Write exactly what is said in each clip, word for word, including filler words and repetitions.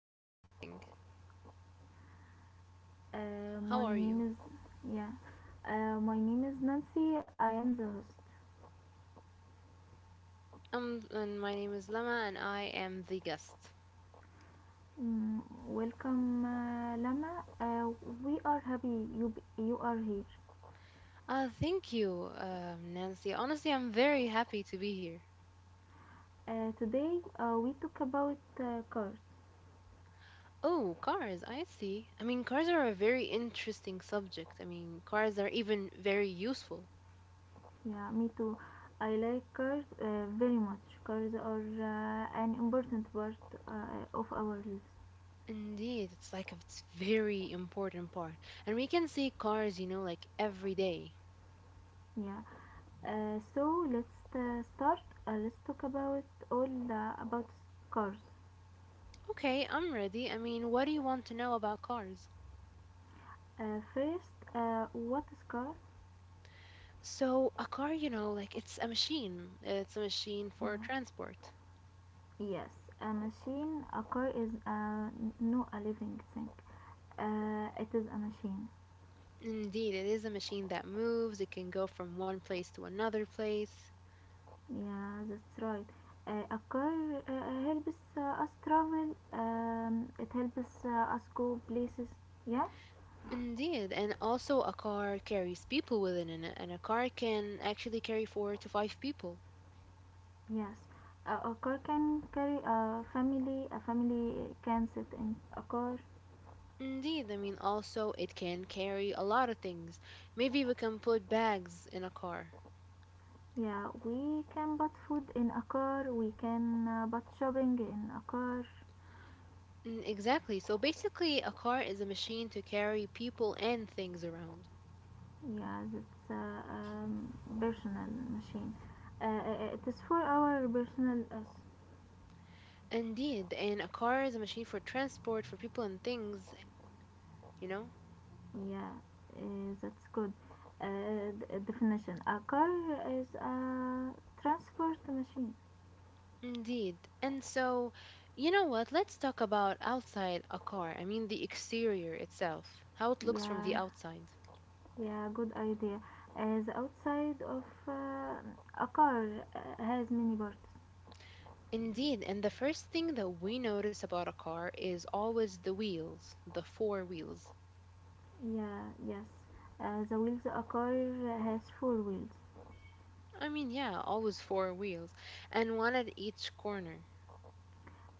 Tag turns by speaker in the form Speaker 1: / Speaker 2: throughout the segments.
Speaker 1: how's everything?
Speaker 2: Uh,
Speaker 1: How
Speaker 2: my
Speaker 1: are
Speaker 2: name
Speaker 1: you?
Speaker 2: is yeah. Uh, my name is Nancy. I am the host.
Speaker 1: Um, and my name is Lama, and I am the guest.
Speaker 2: Mm, Welcome, uh, Lama. Uh, we are happy you b- you are here.
Speaker 1: Uh, thank you, um, Nancy. Honestly, I'm very happy to be here.
Speaker 2: Uh, today uh, we talk about uh, cars.
Speaker 1: Oh, cars, I see. I mean, cars are a very interesting subject. I mean, cars are even very useful.
Speaker 2: Yeah, me too. I like cars uh, very much. Cars are uh, an important part uh, of our lives.
Speaker 1: Indeed, it's like it's very important part. And we can see cars, you know, like every day.
Speaker 2: Yeah. Uh, so let's uh, start. Uh, let's talk about all the, about scars.
Speaker 1: Okay, I'm ready. I mean, what do you want to know about cars?
Speaker 2: Uh, first, uh, what is car?
Speaker 1: So a car, you know, like it's a machine. It's a machine
Speaker 2: Yeah.
Speaker 1: for transport.
Speaker 2: Yes, a machine. A car is a no a living thing. Uh, it is a machine.
Speaker 1: Indeed, it is a machine that moves. It can go from one place to another place.
Speaker 2: Yeah, that's right. Uh, a car uh, helps uh, us travel. Um, it helps uh, us go places. Yeah.
Speaker 1: Indeed, and also a car carries people within it, and a car can actually carry four to five people.
Speaker 2: Yes. Uh, a car can carry a family. A family can sit in a car.
Speaker 1: Indeed, I mean, also it can carry a lot of things. Maybe we can put bags in a car.
Speaker 2: Yeah, we can buy food in a car, we can uh, buy shopping in a car.
Speaker 1: Mm, exactly. So basically, a car is a machine to carry people and things around.
Speaker 2: Yeah, that's uh, um, personal machine. Uh, uh, uh, it is for our personal us.
Speaker 1: Indeed, and a car is a machine for transport for people and things, you know?
Speaker 2: Yeah, uh, that's good. Uh, d- uh, definition. A car is a transport machine.
Speaker 1: Indeed. And so, you know what? Let's talk about outside a car. I mean, the exterior itself, how it looks from
Speaker 2: Yeah,
Speaker 1: the outside.
Speaker 2: yeah, good idea. As outside of uh, a car uh, has many parts.
Speaker 1: Indeed, and the first thing that we notice about a car is always the wheels, the four wheels.
Speaker 2: Yeah, yes. Uh, the wheels a car has four wheels.
Speaker 1: I mean, yeah, always four wheels, and one at each corner.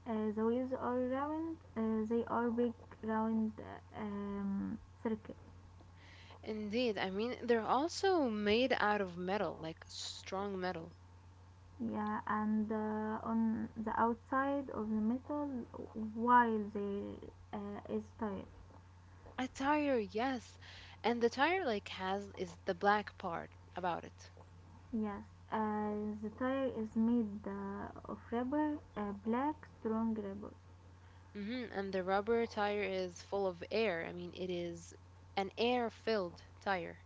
Speaker 2: Uh, the wheels are round. Uh, they are big round uh, um, circle.
Speaker 1: Indeed, I mean, they're also made out of metal, like strong metal.
Speaker 2: Yeah, and uh, on the outside of the metal, while there uh, is tire.
Speaker 1: A tire, yes. And the tire like has is the black part about it.
Speaker 2: Yes, uh, the tire is made uh, of rubber, uh, black strong rubber.
Speaker 1: hmm And the rubber tire is full of air. I mean, it is an air-filled tire.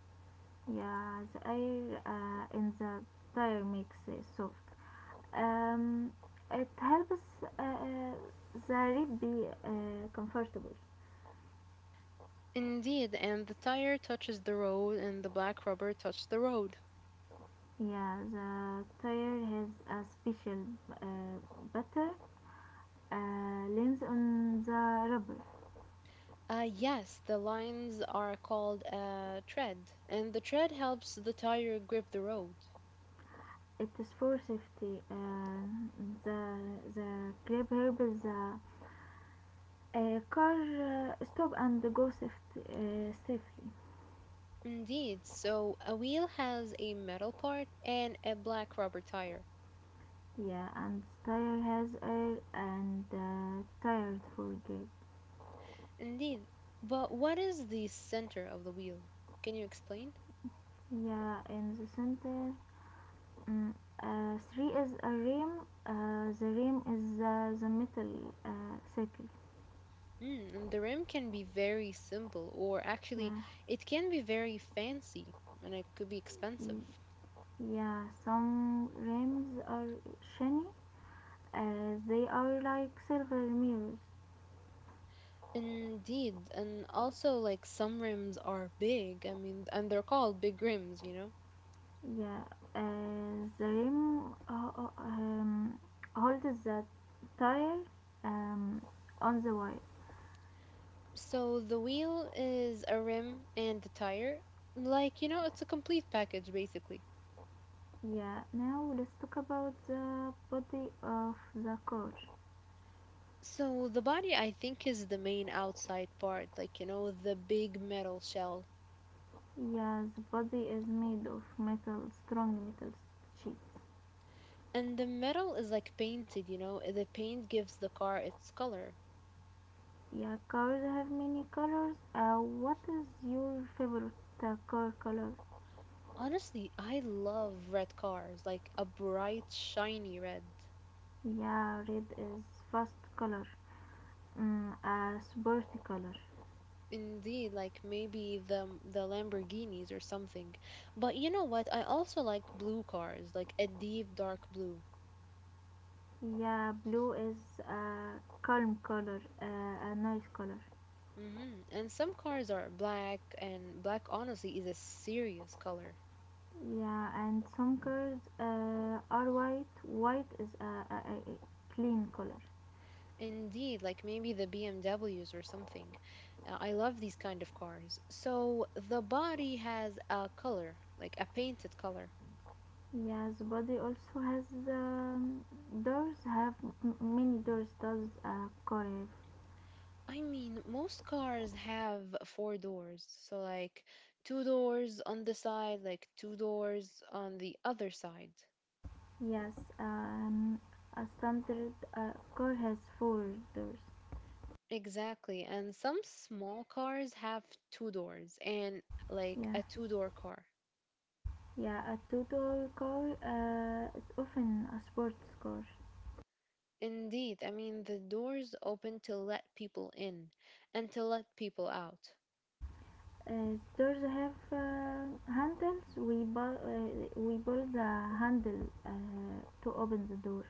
Speaker 2: Yeah, the air uh, in the tire makes it soft. Um, it helps uh, uh, the rib be uh, comfortable.
Speaker 1: Indeed, and the tire touches the road and the black rubber touches the road.
Speaker 2: Yeah, the tire has a special uh, butter uh, lens on the rubber.
Speaker 1: Uh, yes, the lines are called a tread, and the tread helps the tire grip the road.
Speaker 2: It is for safety. Uh, the the grip helps the uh, car uh, stop and go safety, uh, safely.
Speaker 1: Indeed, so a wheel has a metal part and a black rubber tire.
Speaker 2: Yeah, and tire has air and uh, tired for grip.
Speaker 1: Indeed. But what is the center of the wheel? Can you explain?
Speaker 2: Yeah, in the center Mm, uh, three is a rim. Uh, the rim is uh, the metal uh, circle.
Speaker 1: Mm, and the rim can be very simple, or actually,
Speaker 2: Yeah,
Speaker 1: it can be very fancy, and it could be expensive.
Speaker 2: yeah. Some rims are shiny. Uh, they are like silver mirrors.
Speaker 1: Indeed, and also like some rims are big, I mean, and they're called big rims, you know?
Speaker 2: Yeah. Uh, the rim uh, uh, um, holds the tire um, on the wire.
Speaker 1: So the wheel is a rim and a tire. Like, you know, it's a complete package basically.
Speaker 2: Yeah. Now let's talk about the body of the car.
Speaker 1: So the body, I think, is the main outside part, like, you know, the big metal shell.
Speaker 2: Yeah, the body is made of metal, strong metal sheets.
Speaker 1: And the metal is like painted, you know, the paint gives the car its color.
Speaker 2: Yeah, cars have many colors. Uh, what is your favorite uh, car color?
Speaker 1: Honestly, I love red cars, like a bright, shiny red.
Speaker 2: Yeah, red is fast color. Mm, a sporty color.
Speaker 1: Indeed, like maybe the the Lamborghinis or something. But you know what? I also like blue cars, like a deep dark blue.
Speaker 2: Yeah, blue is a calm color, uh, a nice color.
Speaker 1: hmm And some cars are black, and black honestly is a serious color.
Speaker 2: Yeah, and some cars uh, are white. White is a, a, a a clean color.
Speaker 1: Indeed, like maybe the B M Ws or something. Uh, I love these kind of cars. So the body has a color, like a painted color.
Speaker 2: Yes, body also has um, doors. Have m- many doors. Does a core?
Speaker 1: I mean, most cars have four doors. So, like two doors on the side, like two doors on the other side.
Speaker 2: Yes, um, a standard uh, core has four doors.
Speaker 1: Exactly. And some small cars have two doors and like
Speaker 2: Yeah,
Speaker 1: a two door car.
Speaker 2: yeah. A two-door core uh, is often a sports core.
Speaker 1: Indeed. I mean, the doors open to let people in and to let people out.
Speaker 2: Uh, doors have uh, handles. We bu- uh, we pull the handle uh, to open the door.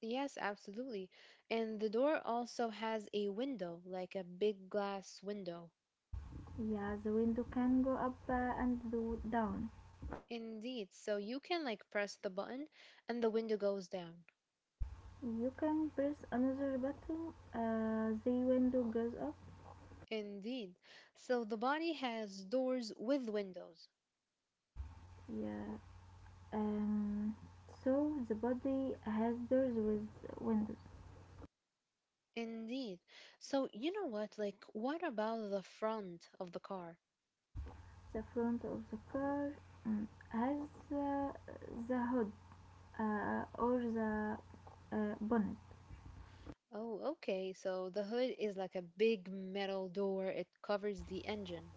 Speaker 1: Yes, absolutely. And the door also has a window, like a big glass window.
Speaker 2: Yeah, the window can go up uh, and do down.
Speaker 1: Indeed. So you can like press the button and the window goes down.
Speaker 2: You can press another button, uh, the window goes up.
Speaker 1: Indeed. So the body has doors with windows.
Speaker 2: Yeah, um, so the body has doors with windows.
Speaker 1: Indeed. So you know what? Like, what about the front of the car?
Speaker 2: The front of the car mm, has uh, the hood uh, or the uh, bonnet.
Speaker 1: Oh, okay. So the hood is like a big metal door, it covers the engine.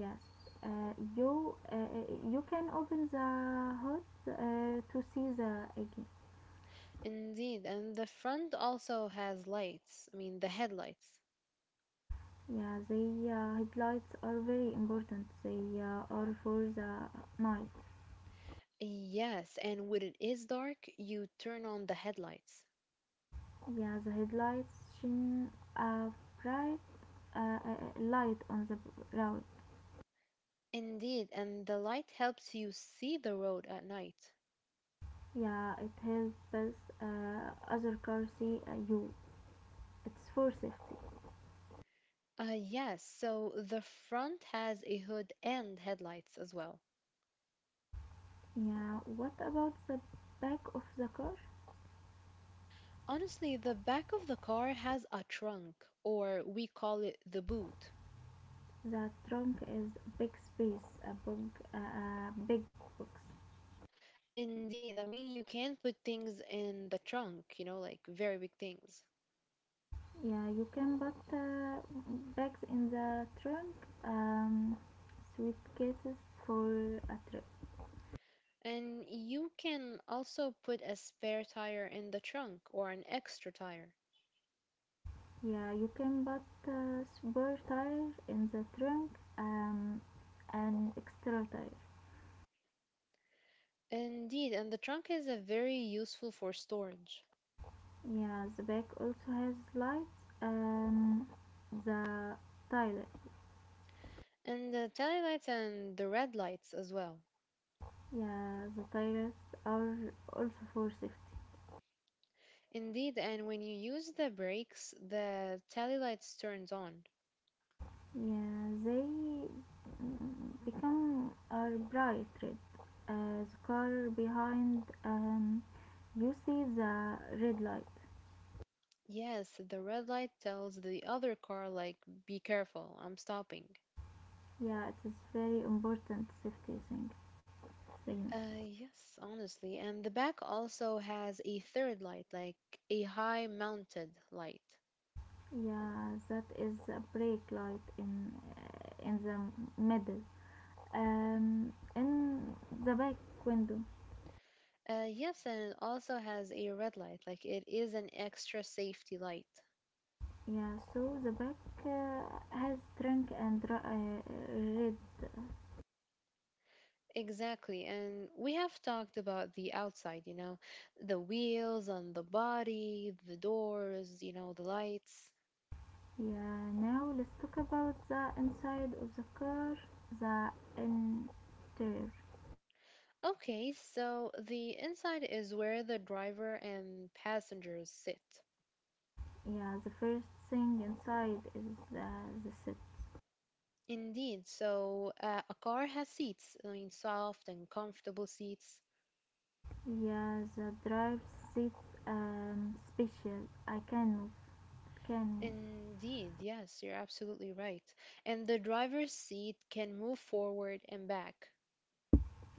Speaker 2: Yes, uh, you uh, uh, you can open the hood uh, to see the engine.
Speaker 1: Indeed. And the front also has lights. I mean, the headlights.
Speaker 2: Yeah, the uh, headlights are very important. They uh, are for the night.
Speaker 1: Yes, and when it is dark, you turn on the headlights.
Speaker 2: Yeah, the headlights shine a bright uh, uh, uh, light on the road.
Speaker 1: Indeed, and the light helps you see the road at night.
Speaker 2: Yeah, it helps uh, other cars see uh, you. It's for safety.
Speaker 1: Uh, yes, so the front has a hood and headlights as well.
Speaker 2: Yeah, what about the back of the car?
Speaker 1: Honestly, the back of the car has a trunk, or we call it the boot.
Speaker 2: The trunk is big space, a big, uh, a big box.
Speaker 1: Indeed, I mean, you can put things in the trunk, you know, like very big things.
Speaker 2: Yeah, you can put uh, bags in the trunk, um, suitcases for a trip.
Speaker 1: And you can also put a spare tire in the trunk or an extra tire.
Speaker 2: Yeah, you can put a spare tire in the trunk, um, an extra tire.
Speaker 1: Indeed, and the trunk is a very useful for storage.
Speaker 2: Yeah, the back also has lights and the tires.
Speaker 1: And the tail lights and the red lights as well.
Speaker 2: Yeah, the tires are also for safety.
Speaker 1: Indeed, and when you use the brakes, the tail lights turns on.
Speaker 2: Yeah, they mm, become are bright red. Uh, the car behind um, you see the red light.
Speaker 1: Yes, the red light tells the other car like be careful, I'm stopping.
Speaker 2: Yeah, it is very important safety thing signal.
Speaker 1: Uh yes, honestly. And the back also has a third light, like a high mounted light.
Speaker 2: Yeah, that is a brake light in uh, in the middle, um, in the back window.
Speaker 1: Uh yes, and it also has a red light, like it is an extra safety light.
Speaker 2: Yeah, so the back uh, has drink and r- uh, red.
Speaker 1: Exactly. And we have talked about the outside, you know, the wheels on the body, the doors, you know, the lights.
Speaker 2: Yeah, now let's talk about the inside of the car, the interior.
Speaker 1: Okay, so the inside is where the driver and passengers sit.
Speaker 2: Yeah, the first thing inside is the, the seat.
Speaker 1: Indeed, so uh, a car has seats, I mean, soft and comfortable seats.
Speaker 2: Yeah, the drive seats um special. I can move, can
Speaker 1: Indeed, yes, you're absolutely right. And the driver's seat can move forward and back.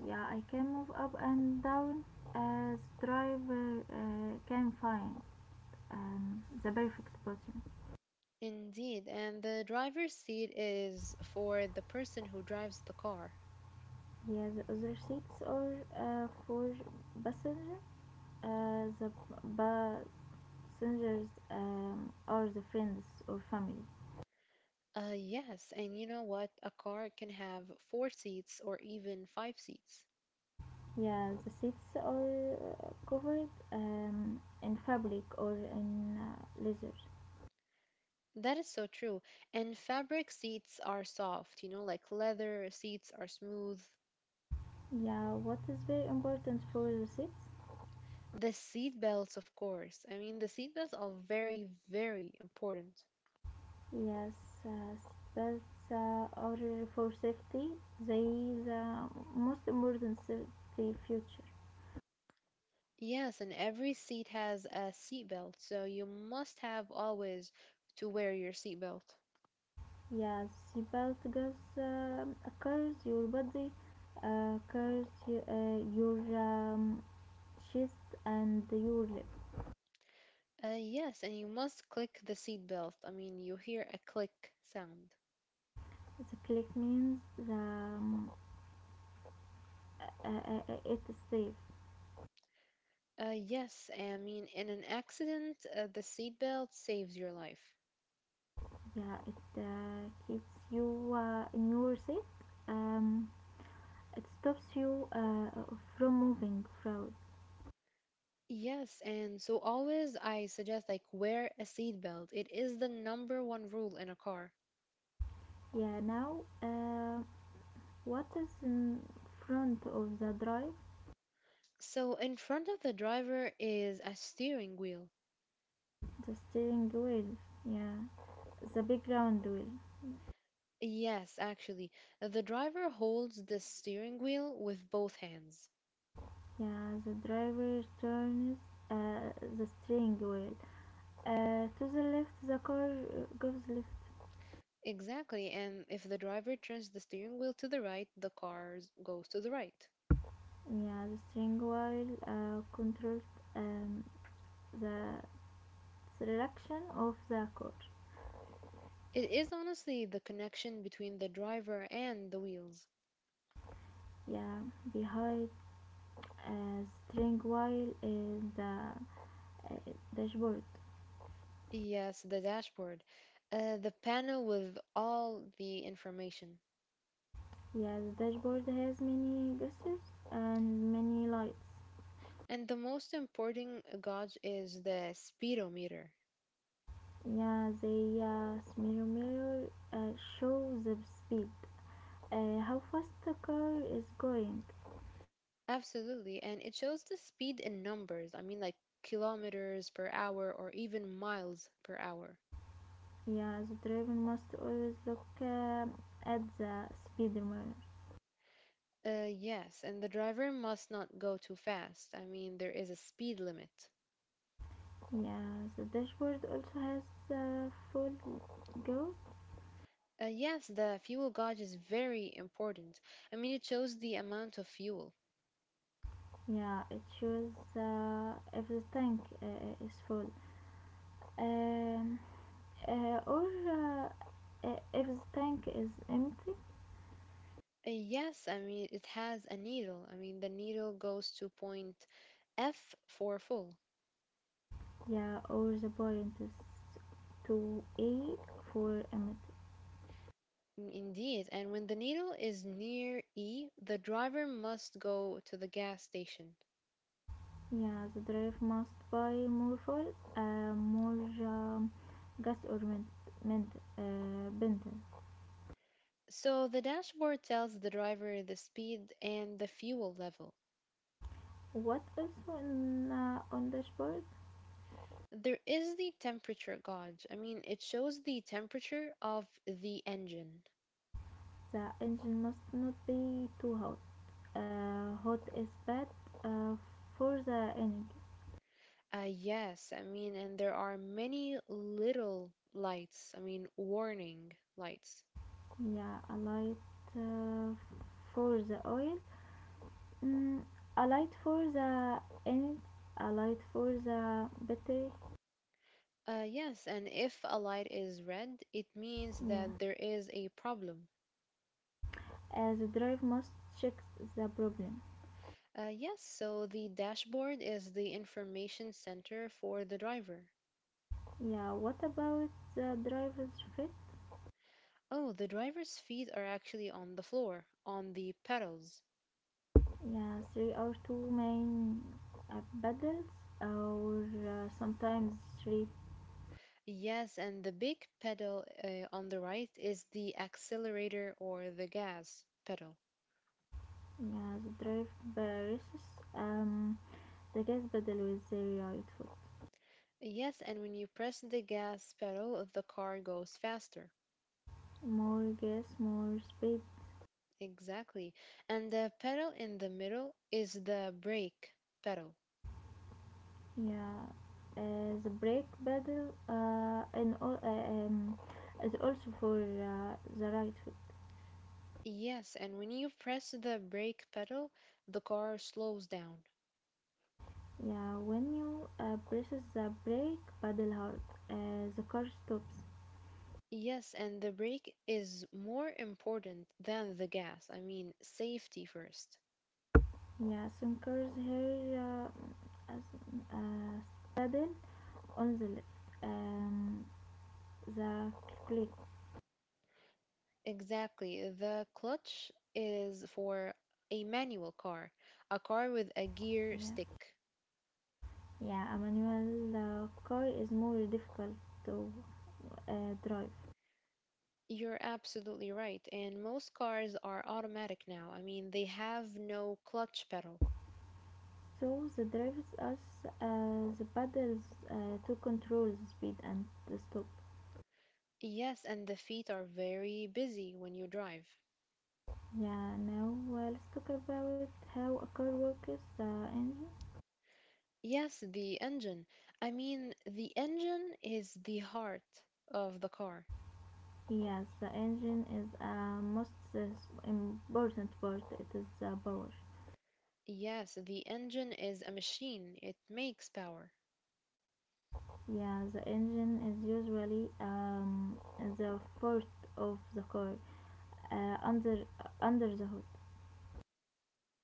Speaker 2: Yeah, I can move up and down as driver uh, can find um, the perfect button.
Speaker 1: Indeed, and the driver's seat is for the person who drives the car.
Speaker 2: Yeah, the other seats are uh, for passenger. Uh, the passengers um, are the friends or family.
Speaker 1: Uh, yes, and you know what? A car can have four seats or even five seats.
Speaker 2: Yeah, the seats are uh, covered um, in fabric or in uh, leather.
Speaker 1: That is so true. And fabric seats are soft, you know, like leather seats are smooth.
Speaker 2: Yeah, what is very important for the seats?
Speaker 1: The seat belts, of course. I mean, the seat belts are very, very important.
Speaker 2: Yes, uh, that's uh, order for safety. They the most important safety feature.
Speaker 1: Yes, and every seat has a seat belt, so you must have always to wear your seat belt.
Speaker 2: Yes, seatbelt goes uh, occurs your body, uh, occurs y- uh, your um, chest and your lip.
Speaker 1: Uh, yes, and you must click the seat belt. I mean, you hear a click sound.
Speaker 2: The click means the um, uh, uh, uh, it's safe.
Speaker 1: Uh, yes, I mean, in an accident, uh, the seat belt saves your life.
Speaker 2: Yeah, it uh, keeps you uh, in your seat. Um, it stops you uh, from moving forward.
Speaker 1: Yes, and so always I suggest like wear a seat belt. It is the number one rule in a car.
Speaker 2: Yeah, now uh, what is in front of the drive?
Speaker 1: So in front of the driver is a steering wheel.
Speaker 2: The steering wheel. Yeah, the big round wheel.
Speaker 1: Yes, actually, the driver holds the steering wheel with both hands.
Speaker 2: Yeah, the driver turns uh, the steering wheel. Uh, to the left, the car uh, goes left.
Speaker 1: Exactly, and if the driver turns the steering wheel to the right, the car goes to the right.
Speaker 2: Yeah, the steering wheel uh, controls um, the direction of the car.
Speaker 1: It is honestly the connection between the driver and the wheels.
Speaker 2: Yeah, behind uh, the steering wheel is the uh, dashboard.
Speaker 1: Yes, the dashboard, uh, the panel with all the information.
Speaker 2: Yeah, the dashboard has many gestures and many lights.
Speaker 1: And the most important gauge is the speedometer.
Speaker 2: Yeah, the uh, mirror mirror uh, shows the speed, uh, how fast the car is going.
Speaker 1: Absolutely, and it shows the speed in numbers. I mean, like kilometers per hour or even miles per hour.
Speaker 2: Yeah, the driver must always look um at the speed mirror.
Speaker 1: Uh, yes, and the driver must not go too fast. I mean, there is a speed limit.
Speaker 2: Yeah, the dashboard also has a full go.
Speaker 1: Uh, yes, the fuel gauge is very important. I mean, it shows the amount of fuel.
Speaker 2: Yeah, it shows uh, if the tank uh, is full. Um, uh, or uh, uh, if the tank is empty
Speaker 1: Uh, yes, I mean, it has a needle. I mean, the needle goes to point F for full.
Speaker 2: yeah or the point is too eight for empty
Speaker 1: Mm, indeed. And when the needle is near E, the driver must go to the gas station.
Speaker 2: yeah the driver must buy more fuel uh, more um, gas or mint, mint uh, bender
Speaker 1: So the dashboard tells the driver the speed and the fuel level.
Speaker 2: what else on uh, on dashboard
Speaker 1: There is the temperature gauge. I mean, it shows the temperature of the engine.
Speaker 2: the engine must not be too hot uh, hot is bad uh, for the engine
Speaker 1: Uh, yes, I mean, and there are many little lights, I mean, warning lights.
Speaker 2: yeah a light uh, for the oil Mm, I light for the end. I light for the battery.
Speaker 1: Uh, yes, and if a light is red, it means
Speaker 2: Yeah.
Speaker 1: that there is a problem.
Speaker 2: As the drive must check the problem.
Speaker 1: Uh, yes, so the dashboard is the information center for the driver.
Speaker 2: Yeah. What about the driver's fit?
Speaker 1: Oh, the driver's feet are actually on the floor, on the pedals.
Speaker 2: Yeah. Three or two main uh, pedals, or uh, sometimes three.
Speaker 1: Yes, and the big pedal uh, on the right is the accelerator or the gas pedal.
Speaker 2: Yeah. The drive versus um the gas pedal with the right foot.
Speaker 1: Yes, and when you press the gas pedal, the car goes faster.
Speaker 2: More gas, more speed.
Speaker 1: Exactly. And the pedal in the middle is the brake pedal.
Speaker 2: Yeah, uh, the brake pedal uh, and al- uh, um, is also for uh, the right foot.
Speaker 1: Yes, and when you press the brake pedal, the car slows down.
Speaker 2: Yeah, when you uh, presses the brake pedal hard, uh, the car stops.
Speaker 1: Yes, and the brake is more important than the gas. I mean, safety first.
Speaker 2: Yeah, some cars here uh, as, uh, pedal on the left. Um, the click.
Speaker 1: Exactly. The clutch is for a manual car, a car with a gear stick.
Speaker 2: Yeah, yeah. A manual uh, car is more difficult to uh, drive.
Speaker 1: You're absolutely right. And most cars are automatic now. I mean, they have no clutch pedal.
Speaker 2: So the drives us uh, the pedals uh, to control the speed and the stop.
Speaker 1: Yes, and the feet are very busy when you drive.
Speaker 2: Yeah, now uh, let's talk about how a car works, the engine.
Speaker 1: Yes, the engine. I mean, the engine is the heart of the car.
Speaker 2: Yes, the engine is a uh, most uh, important part. It is the uh, power.
Speaker 1: Yes, the engine is a machine. It makes power.
Speaker 2: Yeah, the engine is usually um, the first of the car uh, under uh, under the hood.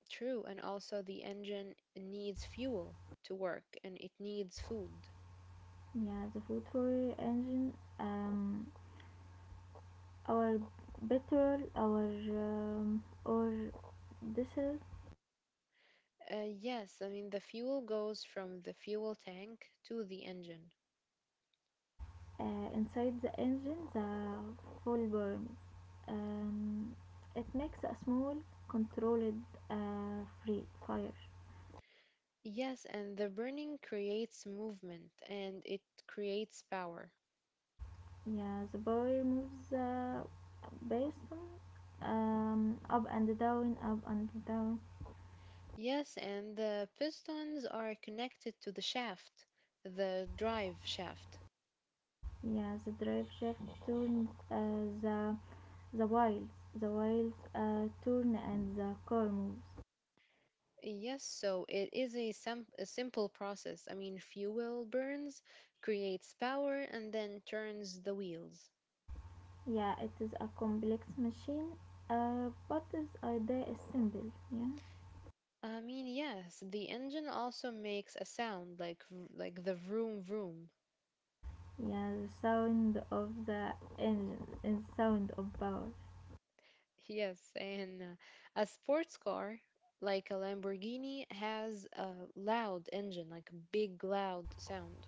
Speaker 1: True. And also, the engine needs fuel to work and it needs food.
Speaker 2: Yeah, the food for engine um, our petrol our um, or diesel.
Speaker 1: Uh, yes, I mean, the fuel goes from the fuel tank to the engine.
Speaker 2: Uh, inside the engine the full burns, um, it makes a small controlled uh, free fire.
Speaker 1: Yes, and the burning creates movement and it creates power.
Speaker 2: Yeah, the boy moves uh, based on um, up and down, up and down.
Speaker 1: Yes, and the pistons are connected to the shaft, the drive shaft.
Speaker 2: Yeah, the drive shaft turns uh, the the wheels. The wheels uh, turn and the car moves.
Speaker 1: Yes, so it is a, sim- a simple process. I mean, fuel burns, creates power, and then turns the wheels.
Speaker 2: Yeah, it is a complex machine, uh, but its idea is simple. Yeah,
Speaker 1: I mean, yes, the engine also makes a sound like v- like the vroom vroom.
Speaker 2: yeah, the sound of the engine is sound of power.
Speaker 1: Yes, and uh, a sports car like a Lamborghini has a loud engine, like a big loud sound.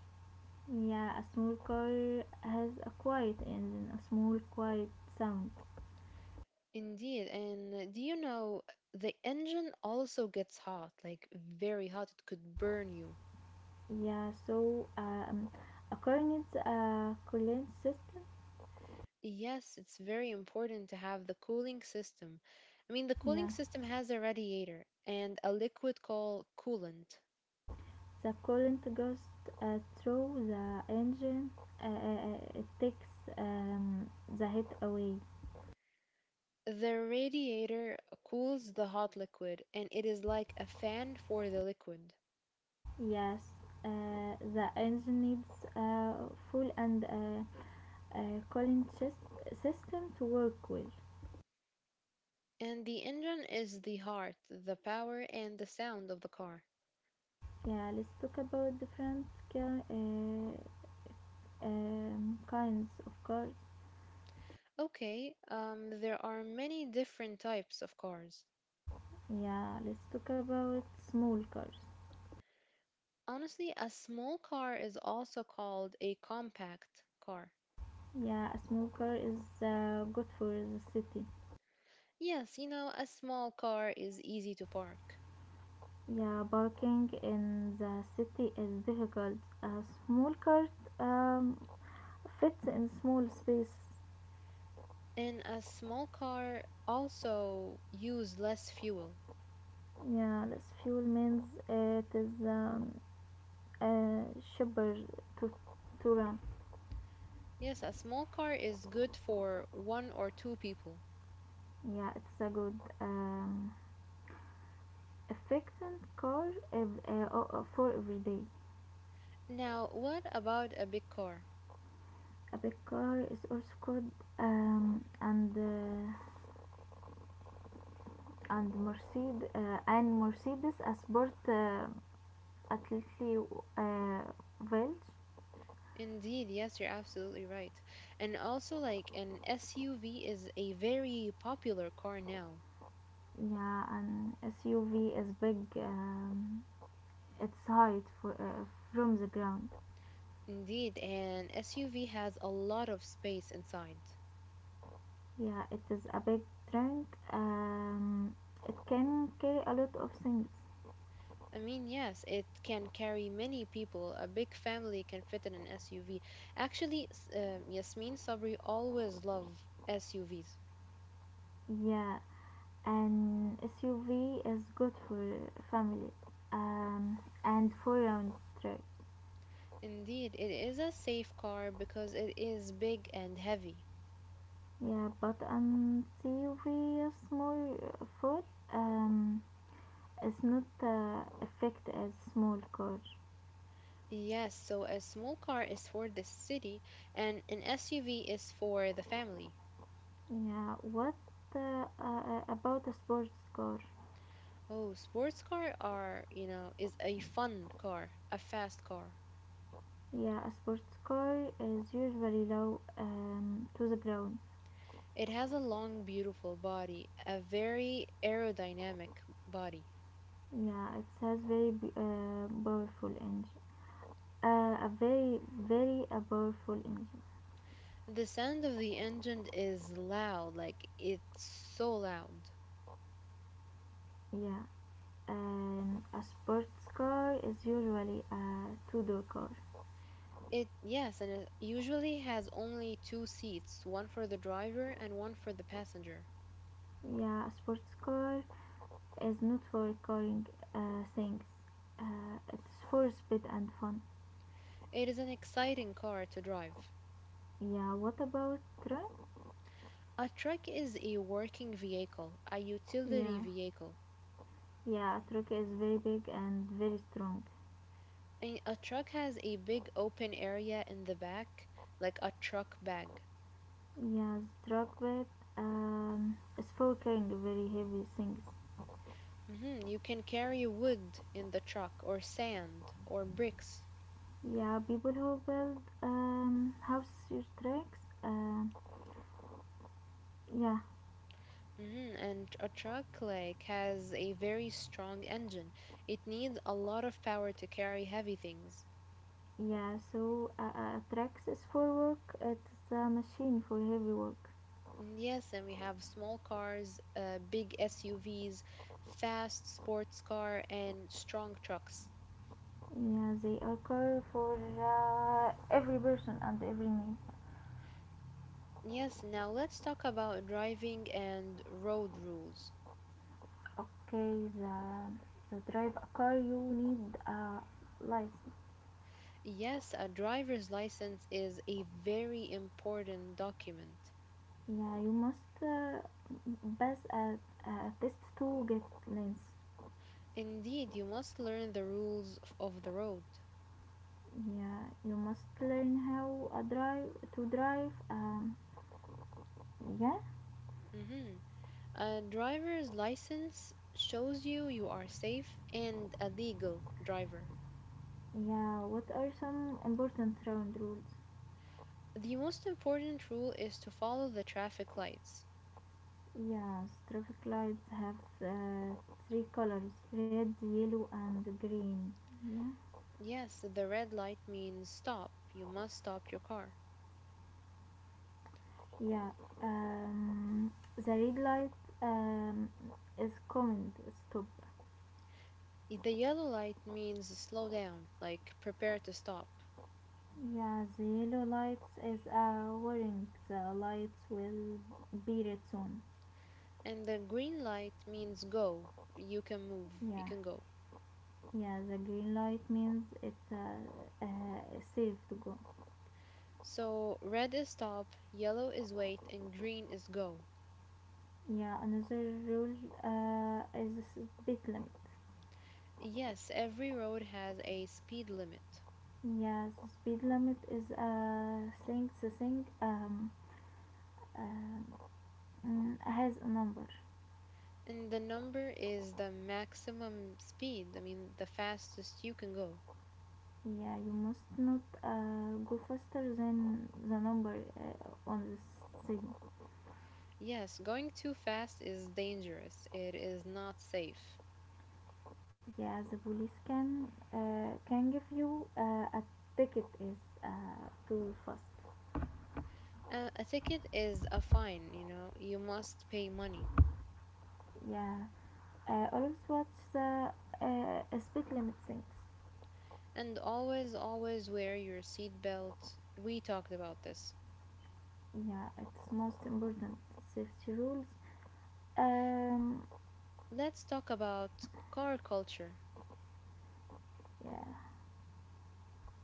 Speaker 2: Yeah, a small car has a quiet engine, a small quiet sound.
Speaker 1: Indeed, and uh, do you know the engine also gets hot, like very hot, it could burn you.
Speaker 2: Yeah, so um, a car needs a coolant system.
Speaker 1: Yes, it's very important to have the cooling system. I mean, the cooling
Speaker 2: Yeah,
Speaker 1: system has a radiator and a liquid called coolant.
Speaker 2: the coolant goes uh, through the engine. Uh, uh, uh, it takes um, the heat away.
Speaker 1: The radiator cools the hot liquid, and it is like a fan for the liquid.
Speaker 2: Yes, uh, the engine needs a full and a uh, cooling sys- system to work well.
Speaker 1: And the engine is the heart, the power, and the sound of the car.
Speaker 2: Yeah, let's talk about different ki- uh, um, kinds of cars.
Speaker 1: Okay, um, there are many different types of cars.
Speaker 2: Yeah, let's talk about small cars.
Speaker 1: Honestly, a small car is also called a compact car.
Speaker 2: Yeah, a small car is uh, good for the city.
Speaker 1: Yes, you know, a small car is easy to park.
Speaker 2: Yeah, parking in the city is difficult. A small car um, fits in small space.
Speaker 1: And a small car also use less fuel.
Speaker 2: Yeah, this fuel means it is um, uh, cheaper to, to run.
Speaker 1: Yes, a small car is good for one or two people.
Speaker 2: Yeah, it's a good, um, efficient car ev- uh, o- o- for every day.
Speaker 1: Now, what about a big car?
Speaker 2: A big car is also called um, and uh, and Mercedes uh, and Mercedes a sport uh, athlete uh, wedge.
Speaker 1: Indeed, yes, you're absolutely right. And also, like, an S U V is a very popular car now.
Speaker 2: Yeah, an S U V is big. Um, its height for, uh, from the ground.
Speaker 1: Indeed, an S U V has a lot of space inside.
Speaker 2: Yeah, it is a big drink. Um, it can carry a lot of things.
Speaker 1: I mean, yes, it can carry many people. A big family can fit in an S U V. Actually, s- uh, Yasmin Sabri always loved S U Vs.
Speaker 2: Yeah, an S U V is good for families. Um, and for round trip.
Speaker 1: Indeed, it is a safe car because it is big and heavy.
Speaker 2: Yeah, but an S U V is more for um, it's not uh, effect as small car.
Speaker 1: Yes, so a small car is for the city and an S U V is for the family.
Speaker 2: Yeah, what uh, uh, about a sports car?
Speaker 1: Oh, sports car are, you know, is a fun car, a fast car.
Speaker 2: Yeah, a sports car is usually low um, to the ground.
Speaker 1: It has a long, beautiful body, a very aerodynamic body.
Speaker 2: Yeah, it has very b- uh, powerful engine. Uh, a very, very a powerful engine.
Speaker 1: The sound of the engine is loud, like it's so loud.
Speaker 2: Yeah, and a sports car is usually a two-door car.
Speaker 1: It, yes, and it usually has only two seats, one for the driver and one for the passenger.
Speaker 2: Yeah, a sports car is not for carrying uh, things. Uh, it's for speed and fun.
Speaker 1: It is an exciting car to drive.
Speaker 2: Yeah, what about truck?
Speaker 1: A truck is a working vehicle, a utility
Speaker 2: Yeah,
Speaker 1: vehicle.
Speaker 2: yeah, a truck is very big and very strong.
Speaker 1: And a truck has a big open area in the back, like a truck bag.
Speaker 2: Yeah, the truck weight um, is for carrying very heavy things.
Speaker 1: hmm You can carry wood in the truck, or sand, or bricks.
Speaker 2: Yeah, people who build um, houses use tracks. Um yeah,
Speaker 1: hmm And a truck like has a very strong engine. It needs a lot of power to carry heavy things.
Speaker 2: yeah. So uh, uh, tracks is for work. It's a machine for heavy work.
Speaker 1: Mm, yes, and we have small cars, uh, big S U Vs, fast sports car, and strong trucks.
Speaker 2: Yeah, they occur for uh, every person and every need.
Speaker 1: Yes, now let's talk about driving and road rules.
Speaker 2: Okay, the the drive a car you need a license.
Speaker 1: Yes, a driver's license is a very important document.
Speaker 2: Yeah, you must uh, pass a, a test to get license.
Speaker 1: Indeed, you must learn the rules of of the road.
Speaker 2: Yeah, you must learn how a drive to drive. Um, Yeah,
Speaker 1: hmm A driver's license shows you you are safe and a legal driver.
Speaker 2: yeah. What are some important round rules?
Speaker 1: The most important rule is to follow the traffic lights.
Speaker 2: Yes, traffic lights have uh, three colors red, yellow, and green. Yeah.
Speaker 1: Yes, the red light means stop. You must stop your car.
Speaker 2: Yeah, um, the red light um, is command stop.
Speaker 1: If the yellow light means slow down, like prepare to stop.
Speaker 2: Yeah, the yellow light is a warning. The lights will be red soon.
Speaker 1: And the green light means go, you can move, you
Speaker 2: Yeah,
Speaker 1: can go.
Speaker 2: yeah. The green light means it's uh, uh, safe to go.
Speaker 1: So red is stop, yellow is wait, and green is go.
Speaker 2: Yeah, another rule uh, is the speed limit.
Speaker 1: Yes, every road has a speed limit.
Speaker 2: Yeah, the speed limit is a thing. The thing um, um, mm, has a number.
Speaker 1: And the number is the maximum speed, I mean, the fastest you can go.
Speaker 2: Yeah, you must not uh, go faster than the number uh, on the signal.
Speaker 1: Yes, going too fast is dangerous. It is not safe.
Speaker 2: Yeah, the police can uh, can give you uh, a ticket is uh, too fast.
Speaker 1: Uh, a ticket is a fine, you know, you must pay money.
Speaker 2: Yeah, uh, always watch the uh, speed limit things.
Speaker 1: And always, always wear your seatbelt. We talked about this.
Speaker 2: Yeah, it's most important safety rules. um
Speaker 1: Let's talk about car culture.
Speaker 2: yeah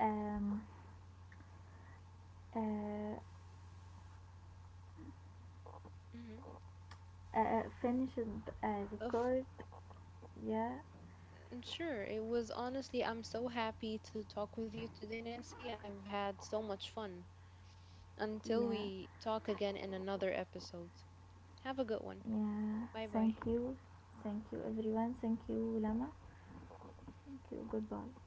Speaker 2: um uh,
Speaker 1: hmm
Speaker 2: uh Finished uh,
Speaker 1: Of
Speaker 2: record. Yeah,
Speaker 1: mm, sure, it was honestly, I'm so happy to talk with you today, Nancy. I've had so much fun. Until
Speaker 2: yeah,
Speaker 1: we talk again in another episode. Have a good one.
Speaker 2: yeah,
Speaker 1: Bye
Speaker 2: thank
Speaker 1: bye.
Speaker 2: you, thank you everyone, thank you Lama, thank you, goodbye.